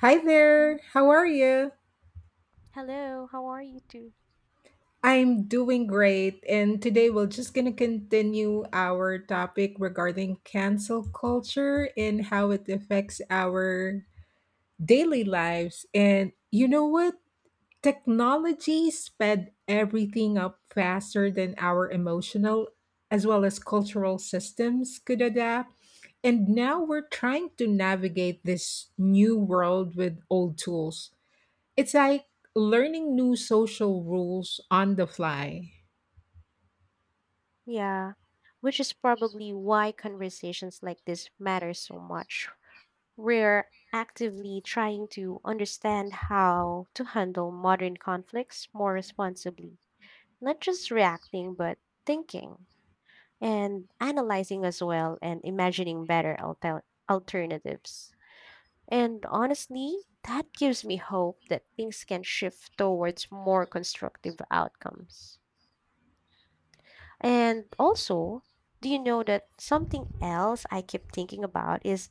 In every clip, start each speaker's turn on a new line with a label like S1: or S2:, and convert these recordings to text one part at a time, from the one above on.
S1: Hi
S2: Mm,
S1: there. How are you?
S2: Hello, how are you two?
S1: I'm doing great. And today we're just going to continue our topic regarding cancel culture and how it affects our daily lives. And you know what? Technology sped everything up faster than our emotional as well as cultural systems could adapt. And now we're trying to navigate this new world with old tools. It's like learning new social rules on the fly.
S2: Yeah, which is probably why conversations like this matter so much. We're actively trying to understand how to handle modern conflicts more responsibly, not just reacting, but thinking and analyzing as well and imagining better alternatives. And honestly, that gives me hope that things can shift towards more constructive outcomes. And also, do you know that something else I keep thinking about is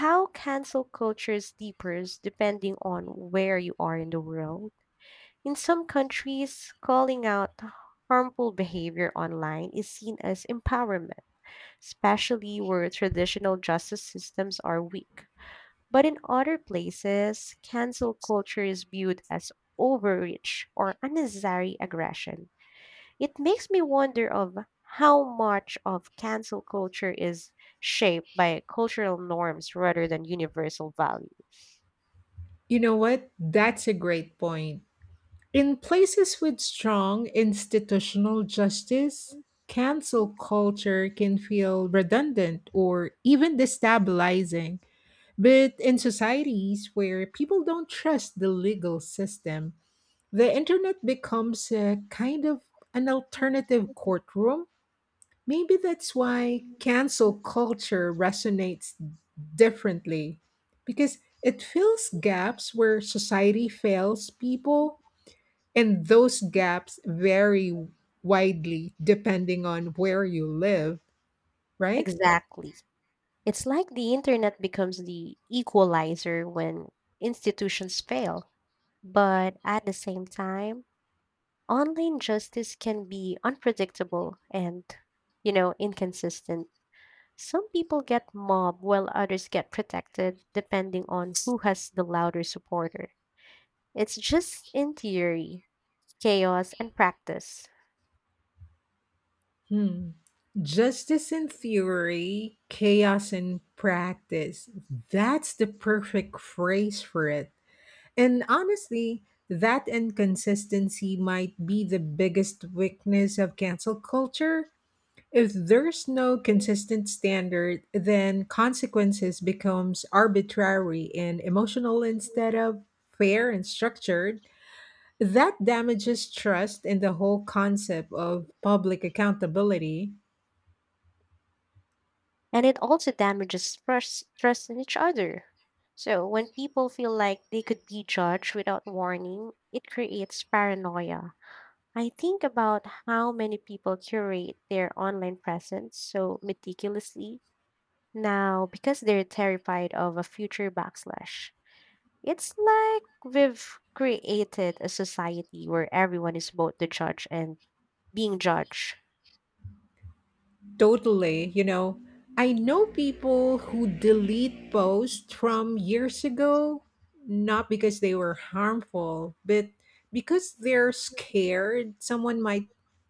S2: how cancel culture differs depending on where you are in the world. In some countries, calling out harmful behavior online is seen as empowerment, especially where traditional justice systems are weak. But in other places, cancel culture is viewed as overreach or unnecessary aggression. It makes me wonder of how much of cancel culture is shaped by cultural norms rather than universal value.
S1: You know what? That's a great point. In places with strong institutional justice, cancel culture can feel redundant or even destabilizing. But in societies where people don't trust the legal system, the internet becomes a kind of an alternative courtroom. Maybe that's why cancel culture resonates differently because it fills gaps where society fails people, and those gaps vary widely depending on where you live, right?
S2: Exactly. It's like the internet becomes the equalizer when institutions fail. But at the same time, online justice can be unpredictable and inconsistent. Some people get mobbed while others get protected, depending on who has the louder supporter. It's just in theory, chaos, and practice.
S1: Hmm. Justice in theory, chaos in practice. That's the perfect phrase for it. And honestly, that inconsistency might be the biggest weakness of cancel culture. If there's no consistent standard, then consequences becomes arbitrary and emotional instead of fair and structured. That damages trust in the whole concept of public accountability.
S2: And it also damages trust, trust in each other. So when people feel like they could be judged without warning, it creates paranoia. I think about how many people curate their online presence so meticulously now because they're terrified of a future backlash. It's like we've created a society where everyone is both the judge and being judged.
S1: Totally. I know people who delete posts from years ago, not because they were harmful, but because they're scared someone might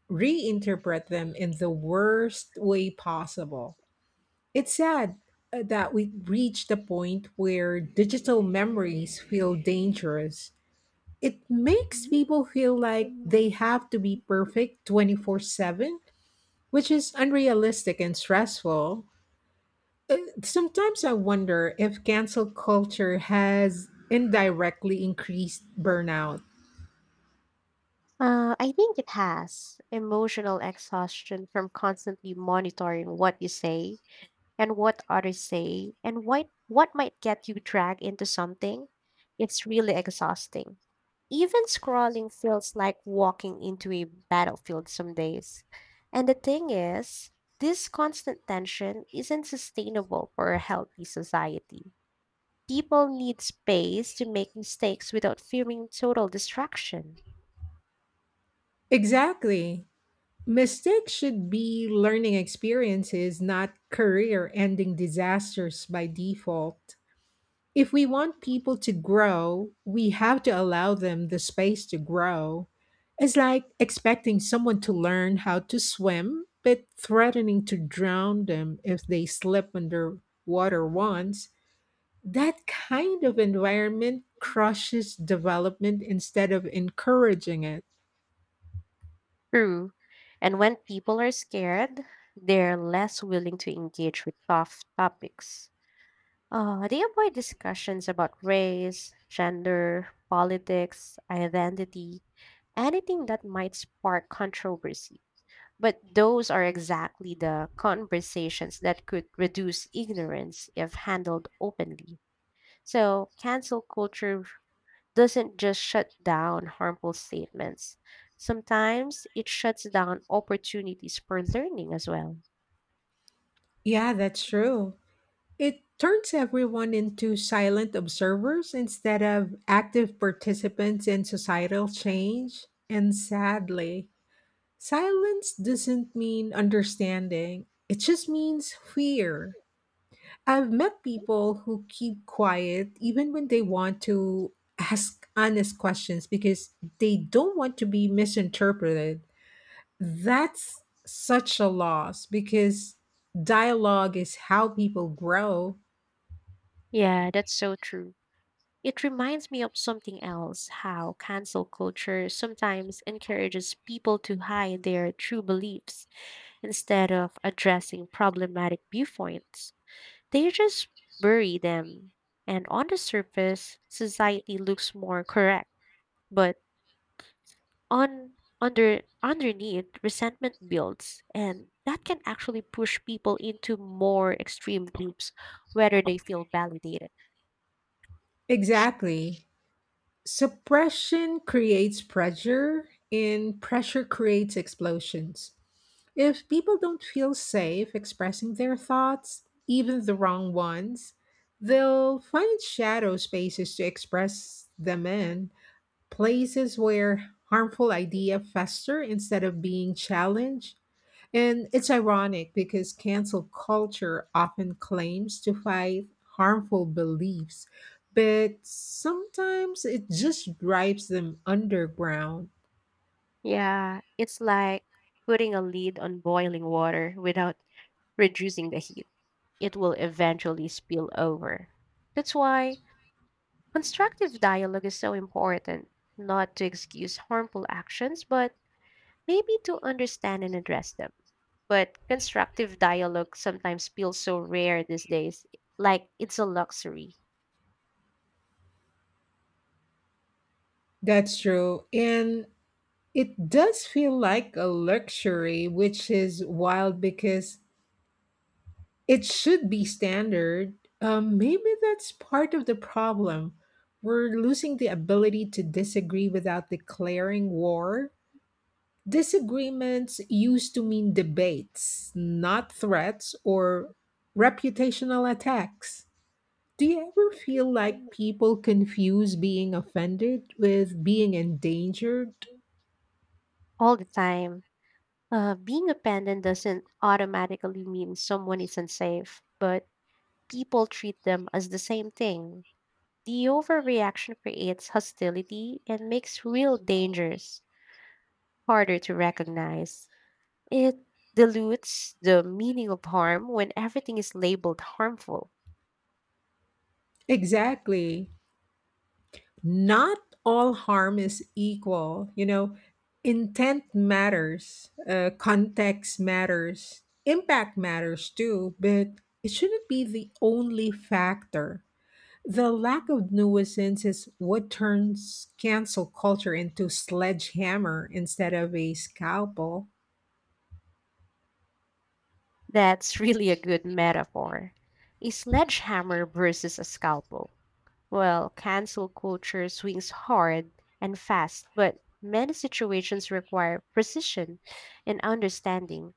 S1: reinterpret them in the worst way possible. It's sad that we reached the point where digital memories feel dangerous. It makes people feel like they have to be perfect 24/7, which is unrealistic and stressful. Uh, Sometimes I wonder if cancel culture has indirectly increased burnout.
S2: I think it has emotional exhaustion from constantly monitoring what you say and what others say and what might get you dragged into something. It's really exhausting. Even scrolling feels like walking into a battlefield some days. And the thing is, this constant tension isn't sustainable for a healthy society. People need space to make mistakes without fearing total destruction.
S1: Exactly. Mistakes should be learning experiences, not career ending disasters by default. If we want people to grow, we have to allow them the space to grow. It's like expecting someone to learn how to swim, but threatening to drown them if they slip underwater once. That kind of environment crushes development instead of encouraging it.
S2: True. And when people are scared, they're less willing to engage with tough topics. They avoid discussions about race, gender, politics, identity, anything that might spark controversy. But those are exactly the conversations that could reduce ignorance if handled openly. So, cancel culture doesn't just shut down harmful statements. Sometimes it shuts down opportunities for learning as well.
S1: Yeah, that's true. It turns everyone into silent observers instead of active participants in societal change. And sadly, silence doesn't mean understanding, it just means fear. I've met people who keep quiet even when they want to ask honest questions because they don't want to be misinterpreted. That's such a loss because dialogue is how people grow.
S2: Yeah, that's so true. It reminds me of something else how cancel culture sometimes encourages people to hide their true beliefs instead of addressing problematic viewpoints. They just bury them. And on the surface, society looks more correct. But on under underneath resentment builds, and that can actually push people into more extreme groups whether they feel validated.
S1: Exactly. Suppression creates pressure, and pressure creates explosions. If people don't feel safe expressing their thoughts, even the wrong ones, they'll find shadow spaces to express them in, places where harmful ideas fester instead of being challenged. And it's ironic because cancel culture often claims to fight harmful beliefs, but sometimes it just drives them underground.
S2: Yeah, it's like putting a lid on boiling water without reducing the heat. It will eventually spill over. That's why constructive dialogue is so important, not to excuse harmful actions, but maybe to understand and address them. But constructive dialogue sometimes feels so rare these days, like it's a luxury.
S1: That's true. And it does feel like a luxury, which is wild because it should be standard. Maybe that's part of the problem. We're losing the ability to disagree without declaring war. Disagreements used to mean debates, not threats or reputational attacks. Do you ever feel like people confuse being offended with being endangered?
S2: All the time, being abandoned doesn't automatically mean someone is unsafe, but people treat them as the same thing. The overreaction creates hostility and makes real dangers harder to recognize. It dilutes the meaning of harm when everything is labeled harmful.
S1: Exactly. Not all harm is equal. You know, intent matters, context matters, impact matters too, but it shouldn't be the only factor. The lack of nuisance is what turns cancel culture into sledgehammer instead of a scalpel.
S2: That's really a good metaphor. A sledgehammer versus a scalpel. Well, cancel culture swings hard and fast, but many situations require precision and understanding.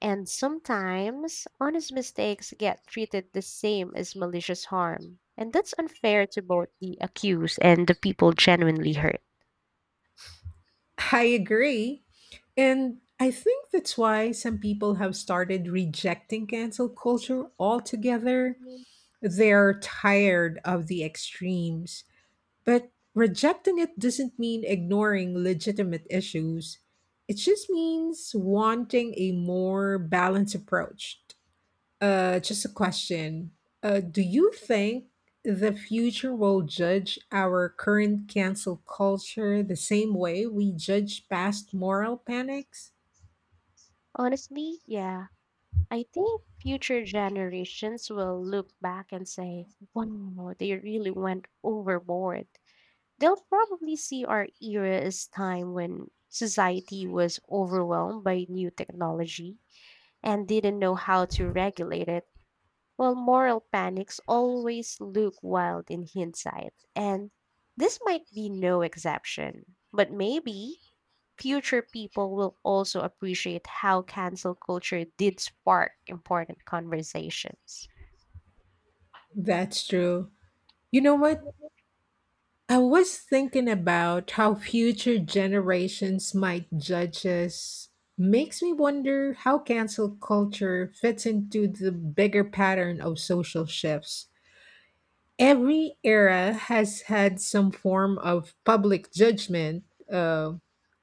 S2: And sometimes honest mistakes get treated the same as malicious harm. And that's unfair to both the accused and the people genuinely hurt.
S1: I agree. And I think that's why some people have started rejecting cancel culture altogether. They're tired of the extremes. But rejecting it doesn't mean ignoring legitimate issues. It just means wanting a more balanced approach. Just a question. Do you think the future will judge our current cancel culture the same way we judge past moral panics?
S2: Honestly, yeah. I think future generations will look back and say, wow, they really went overboard. They'll probably see our era as time when society was overwhelmed by new technology and didn't know how to regulate it. Well, moral panics always look wild in hindsight, and this might be no exception. But maybe future people will also appreciate how cancel culture did spark important conversations.
S1: That's true. You know what? I was thinking about how future generations might judge us. Makes me wonder how cancel culture fits into the bigger pattern of social shifts. Every era has had some form of public judgment, uh,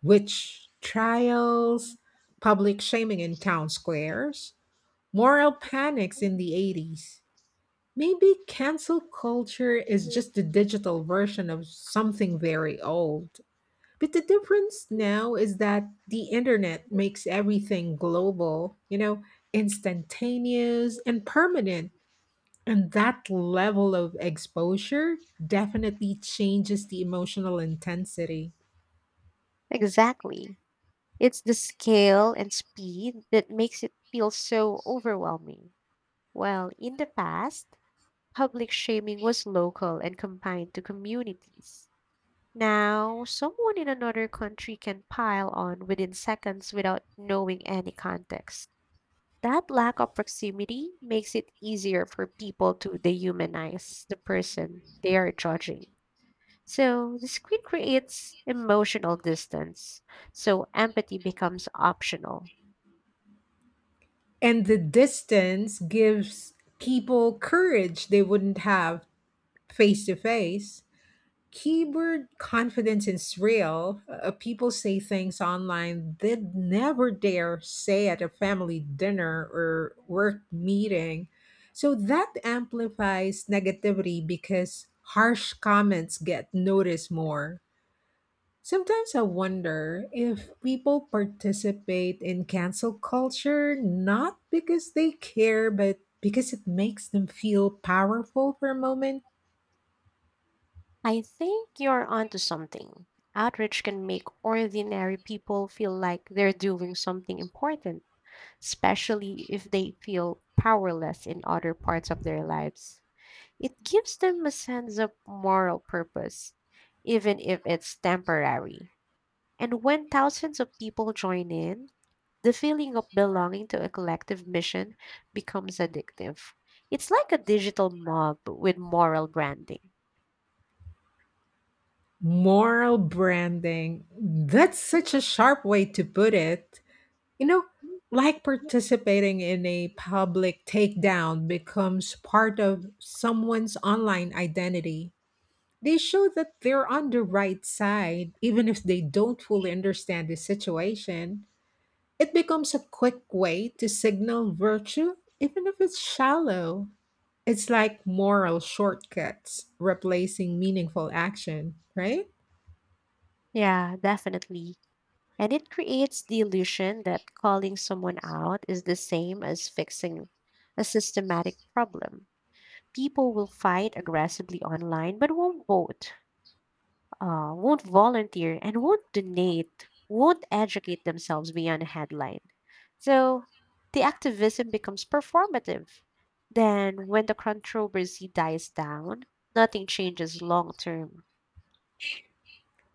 S1: witch trials, public shaming in town squares, moral panics in the 80s. Maybe cancel culture is just the digital version of something very old. But the difference now is that the internet makes everything global, instantaneous and permanent. And that level of exposure definitely changes the emotional intensity.
S2: Exactly. It's the scale and speed that makes it feel so overwhelming. Well, in the past, public shaming was local and confined to communities. Now, someone in another country can pile on within seconds without knowing any context. That lack of proximity makes it easier for people to dehumanize the person they are judging. So the screen creates emotional distance, so empathy becomes optional.
S1: And the distance gives people courage they wouldn't have face to face. Keyboard confidence is real. People say things online they'd never dare say at a family dinner or work meeting. So that amplifies negativity because harsh comments get noticed more. Sometimes I wonder if people participate in cancel culture not because they care, but because it makes them feel powerful for a moment.
S2: I think you're onto something. Outreach can make ordinary people feel like they're doing something important, especially if they feel powerless in other parts of their lives. It gives them a sense of moral purpose, even if it's temporary. And when thousands of people join in, the feeling of belonging to a collective mission becomes addictive. It's like a digital mob with moral branding.
S1: Moral branding. That's such a sharp way to put it. You know, like participating in a public takedown becomes part of someone's online identity. They show that they're on the right side, even if they don't fully understand the situation. It becomes a quick way to signal virtue, even if it's shallow. It's like moral shortcuts replacing meaningful action, right?
S2: Yeah, definitely. And it creates the illusion that calling someone out is the same as fixing a systematic problem. People will fight aggressively online but won't vote. Won't volunteer and won't donate, won't educate themselves beyond a headline. So the activism becomes performative. Then, when the controversy dies down, nothing changes long term.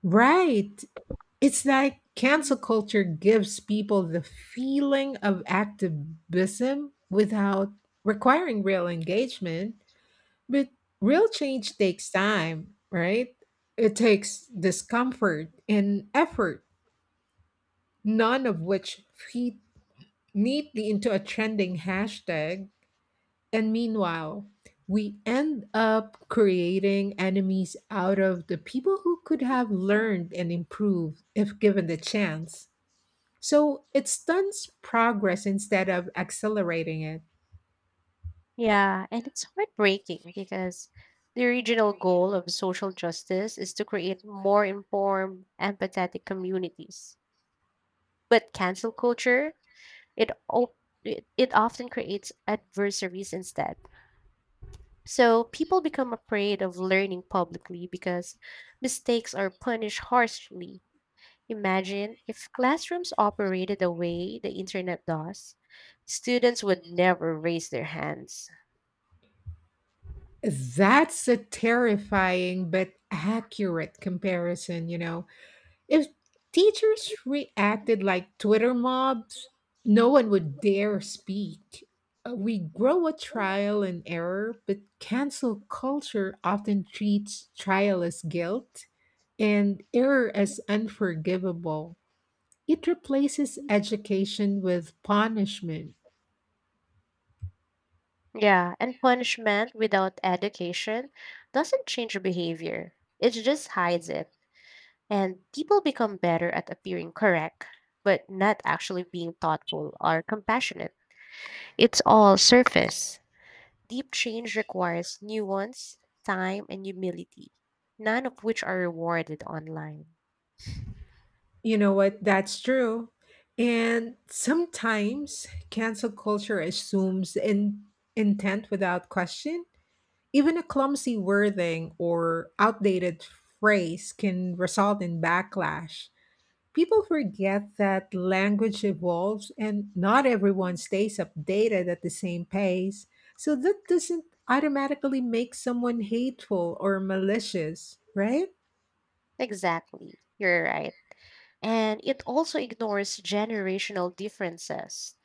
S1: Right. It's like cancel culture gives people the feeling of activism without requiring real engagement, but real change takes time, right? It takes discomfort and effort, none of which feed neatly into a trending hashtag. And meanwhile, we end up creating enemies out of the people who could have learned and improved if given the chance. So it stunts progress instead of accelerating it.
S2: Yeah, and it's heartbreaking because the original goal of social justice is to create more informed, empathetic communities. But cancel culture, it, op- it often creates adversaries instead. So people become afraid of learning publicly because mistakes are punished harshly. Imagine if classrooms operated the way the internet does, students would never raise their hands.
S1: That's a terrifying but accurate comparison. If teachers reacted like Twitter mobs, no one would dare speak. We grow a trial and error, but cancel culture often treats trial as guilt and error as unforgivable. It replaces education with punishment.
S2: Yeah, and punishment without education doesn't change behavior, it just hides it. And people become better at appearing correct, but not actually being thoughtful or compassionate. It's all surface. Deep change requires nuance, time, and humility, none of which are rewarded online.
S1: You know what? That's true. And sometimes cancel culture assumes intent without question. Even a clumsy wording or outdated phrase can result in backlash. People forget that language evolves and not everyone stays updated at the same pace. So that doesn't automatically make someone hateful or malicious, right?
S2: Exactly, you're right. And it also ignores generational differences.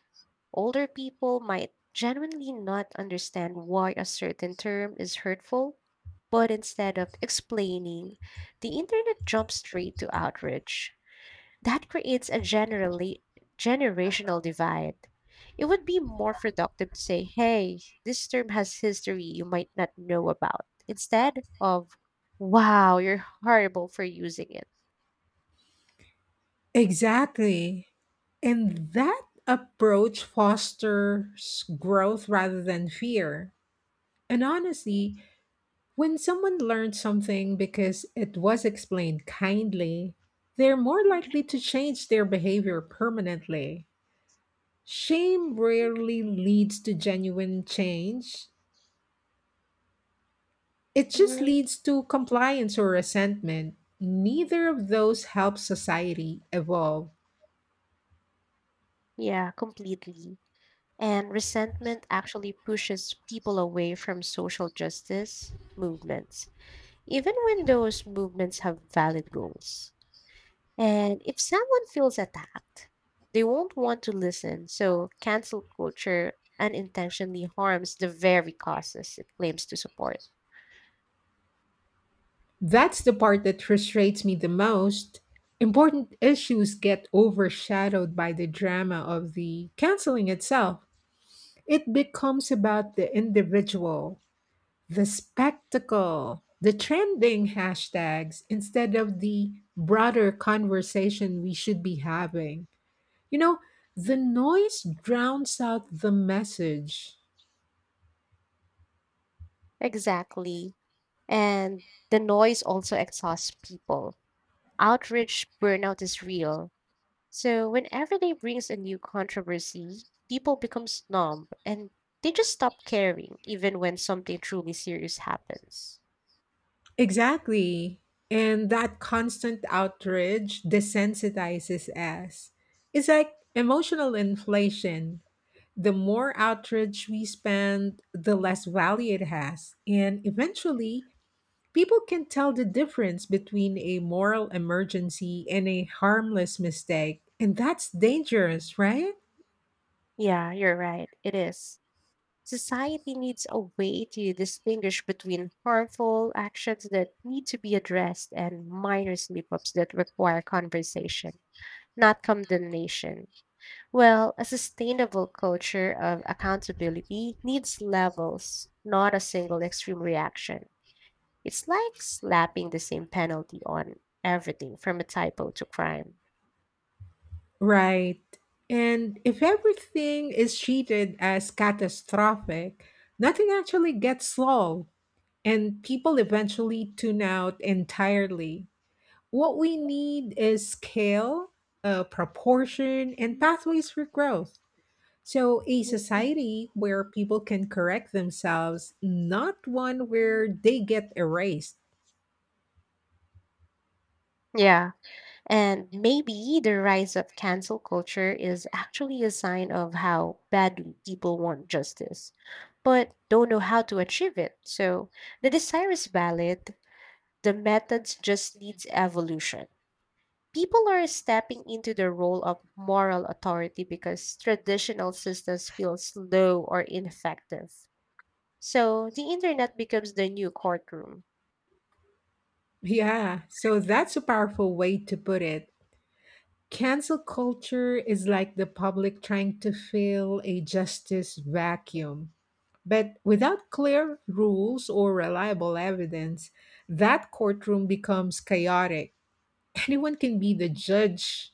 S2: Older people might genuinely not understand why a certain term is hurtful, but instead of explaining, the internet jumps straight to outrage. That creates a generally generational divide. It would be more productive to say, hey, this term has history you might not know about, instead of, wow, you're horrible for using it.
S1: Exactly. And that approach fosters growth rather than fear. And honestly, when someone learns something because it was explained kindly, they're more likely to change their behavior permanently. Shame rarely leads to genuine change, it just
S2: Mhm.
S1: leads to compliance or resentment. Neither of those helps society evolve.
S2: Yeah, completely. And resentment actually pushes people away from social justice movements, even when those movements have valid goals. And if someone feels attacked, they won't want to listen. So cancel culture unintentionally harms the very causes it claims to support.
S1: That's the part that frustrates me the most. Important issues get overshadowed by the drama of the canceling itself. It becomes about the individual, the spectacle, the trending hashtags instead of the broader conversation we should be having. You know, the noise drowns out the message.
S2: Exactly. And the noise also exhausts people. Outrage burnout is real. So whenever they brings a new controversy, people become numb and they just stop caring even when something truly serious happens.
S1: Exactly. And that constant outrage desensitizes us. It's like emotional inflation. The more outrage we spend, the less value it has. And eventually, people can tell the difference between a moral emergency and a harmless mistake. And that's dangerous, right?
S2: Yeah, you're right. It is. Society needs a way to distinguish between harmful actions that need to be addressed and minor slip ups that require conversation, not condemnation. Well, a sustainable culture of accountability needs levels, not a single extreme reaction. It's like slapping the same penalty on everything from a typo to crime.
S1: Right. And if everything is treated as catastrophic, nothing actually gets solved and people eventually tune out entirely. What we need is scale, proportion, and pathways for growth. So, a society where people can correct themselves, not one where they get erased.
S2: Yeah. And maybe the rise of cancel culture is actually a sign of how badly people want justice, but don't know how to achieve it. So the desire is valid, the methods just needs evolution. People are stepping into the role of moral authority because traditional systems feel slow or ineffective. So the internet becomes the new courtroom.
S1: Yeah, so that's a powerful way to put it. Cancel culture is like the public trying to fill a justice vacuum. But without clear rules or reliable evidence, that courtroom becomes chaotic. Anyone can be the judge,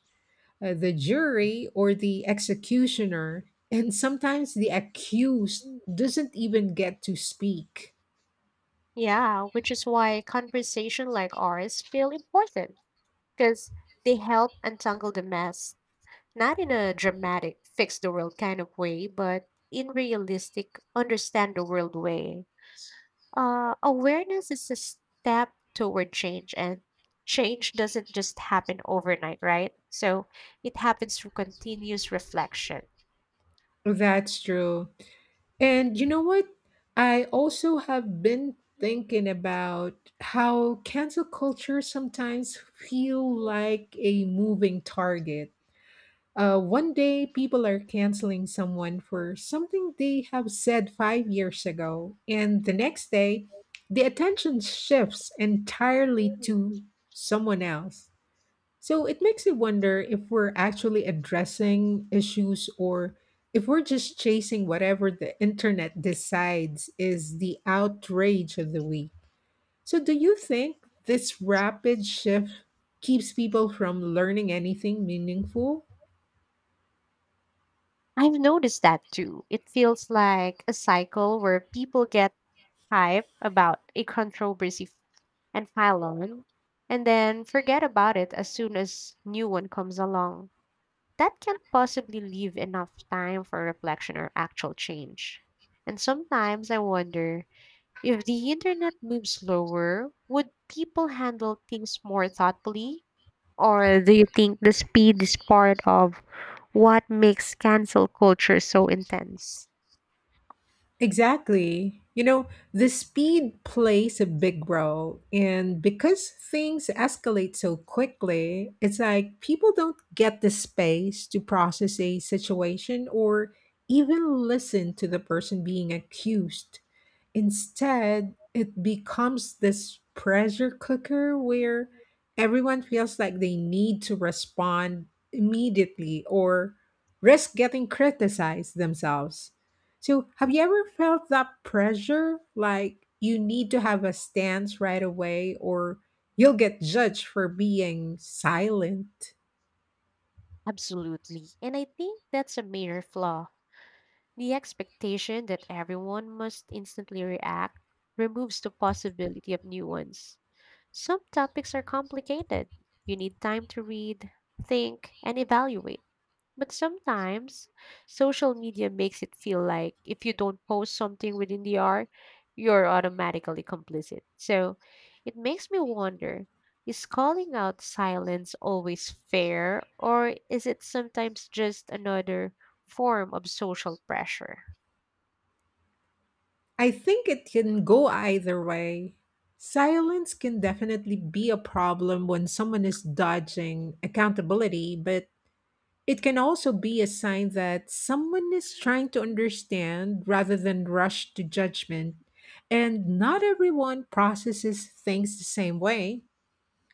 S1: the jury, or the executioner, and sometimes the accused doesn't even get to speak.
S2: Yeah, which is why conversation like ours feel important because they help untangle the mess, not in a dramatic, fix the world kind of way, but in realistic, understand the world way. Awareness is a step toward change, and change doesn't just happen overnight, right? So it happens through continuous reflection.
S1: That's true. And you know what? I also have been thinking about how cancel culture sometimes feel like a moving target. One day, people are canceling someone for something they have said 5 years ago, and the next day, the attention shifts entirely to someone else. So it makes you wonder if we're actually addressing issues or if we're just chasing whatever the internet decides is the outrage of the week. So, do you think this rapid shift keeps people from learning anything meaningful?
S2: I've noticed that too. It feels like a cycle where people get hype about a controversy and pile on, and then forget about it as soon as new one comes along. That can't possibly leave enough time for reflection or actual change. And sometimes I wonder, if the internet moved slower, would people handle things more thoughtfully? Or do you think the speed is part of what makes cancel culture so intense?
S1: Exactly. The speed plays a big role. And because things escalate so quickly, it's like people don't get the space to process a situation or even listen to the person being accused. Instead, it becomes this pressure cooker where everyone feels like they need to respond immediately or risk getting criticized themselves. So, have you ever felt that pressure? Like you need to have a stance right away or you'll get judged for being silent?
S2: Absolutely. And I think that's a major flaw. The expectation that everyone must instantly react removes the possibility of new ones. Some topics are complicated. You need time to read, think, and evaluate. But sometimes social media makes it feel like if you don't post something within the hour, you're automatically complicit. So it makes me wonder, is calling out silence always fair, or is it sometimes just another form of social pressure?
S1: I think it can go either way. Silence can definitely be a problem when someone is dodging accountability, but it can also be a sign that someone is trying to understand rather than rush to judgment. And not everyone processes things the same way.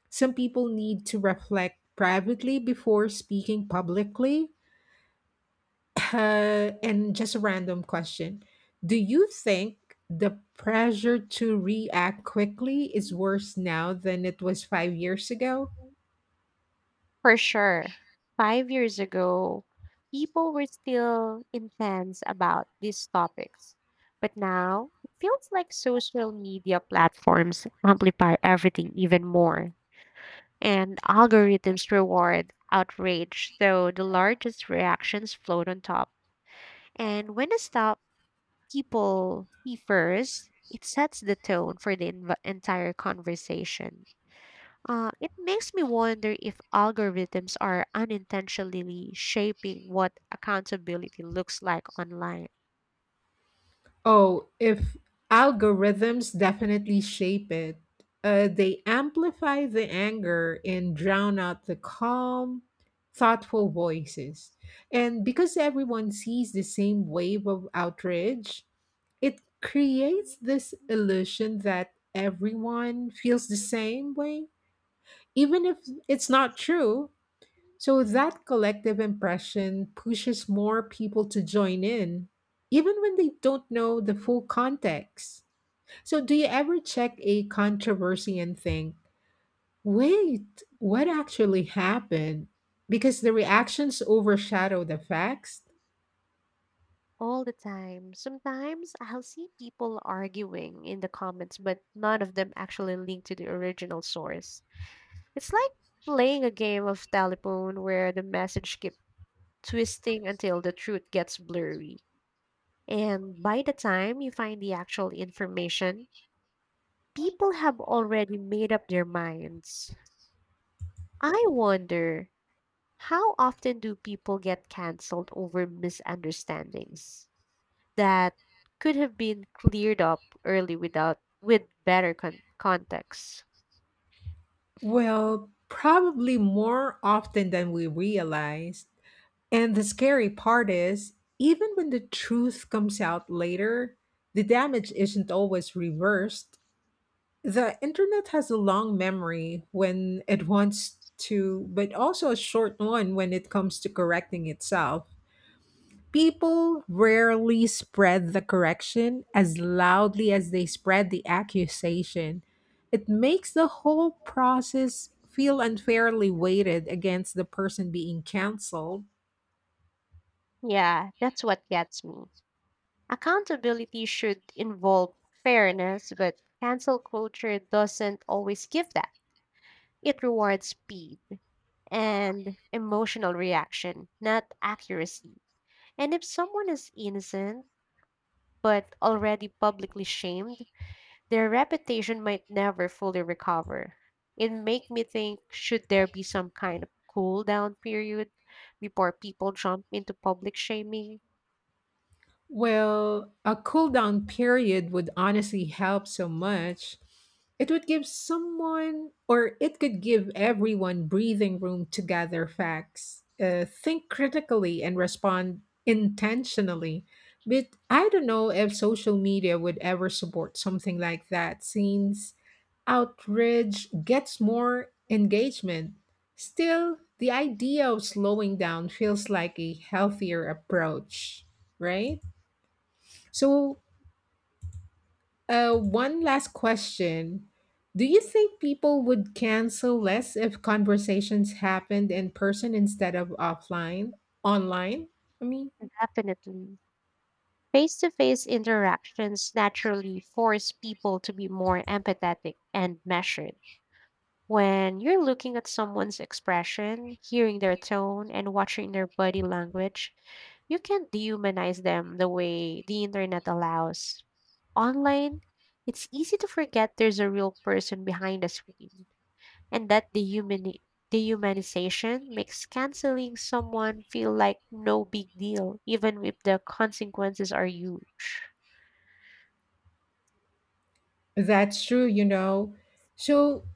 S1: Some people need to reflect privately before speaking publicly, and just a random question. Do you think the pressure to react quickly is worse now than it was 5 years ago?
S2: For sure. 5 years ago, people were still intense about these topics. But now, it feels like social media platforms amplify everything even more. And algorithms reward outrage, so the largest reactions float on top. And when a stop people see first, it sets the tone for the entire conversation. It makes me wonder if algorithms are unintentionally shaping what accountability looks like online.
S1: Oh, if algorithms definitely shape it, they amplify the anger and drown out the calm, thoughtful voices. And because everyone sees the same wave of outrage, it creates this illusion that everyone feels the same way, even if it's not true. So that collective impression pushes more people to join in, even when they don't know the full context. So, do you ever check a controversy and think, wait, what actually happened? Because the reactions overshadow the facts?
S2: All the time. Sometimes I'll see people arguing in the comments, but none of them actually link to the original source. It's like playing a game of telephone where the message keeps twisting until the truth gets blurry. And by the time you find the actual information, people have already made up their minds. I wonder, how often do people get canceled over misunderstandings that could have been cleared up early without with better context?
S1: Well, probably more often than we realize. And the scary part is, even when the truth comes out later, the damage isn't always reversed. The internet has a long memory when it wants to, but also a short one when it comes to correcting itself. People rarely spread the correction as loudly as they spread the accusation. It makes the whole process feel unfairly weighted against the person being canceled.
S2: Yeah, that's what gets me. Accountability should involve fairness, but cancel culture doesn't always give that. It rewards speed and emotional reaction, not accuracy. And if someone is innocent but already publicly shamed, their reputation might never fully recover. It make me think, should there be some kind of cool down period before people jump into public shaming?
S1: Well, a cool down period would honestly help so much. It would give someone, or it could give everyone breathing room to gather facts, think critically, and respond intentionally. But I don't know if social media would ever support something like that since outrage gets more engagement. Still, the idea of slowing down feels like a healthier approach, right? So, one last question. Do you think people would cancel less if conversations happened in person instead of online? I mean,
S2: Definitely. Face to face interactions naturally force people to be more empathetic and measured. When you're looking at someone's expression, hearing their tone, and watching their body language, you can't dehumanize them the way the internet allows. Online, it's easy to forget there's a real person behind a screen and that dehumanization makes canceling someone feel like no big deal, even if the consequences are huge.
S1: that's true. So,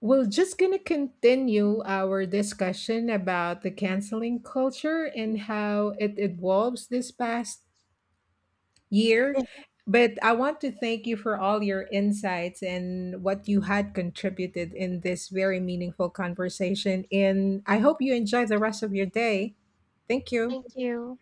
S1: we're just going to continue our discussion about the canceling culture and how it evolves this past year. But I want to thank you for all your insights and what you had contributed in this very meaningful conversation. And I hope you enjoy the rest of your day. Thank you.
S2: Thank you.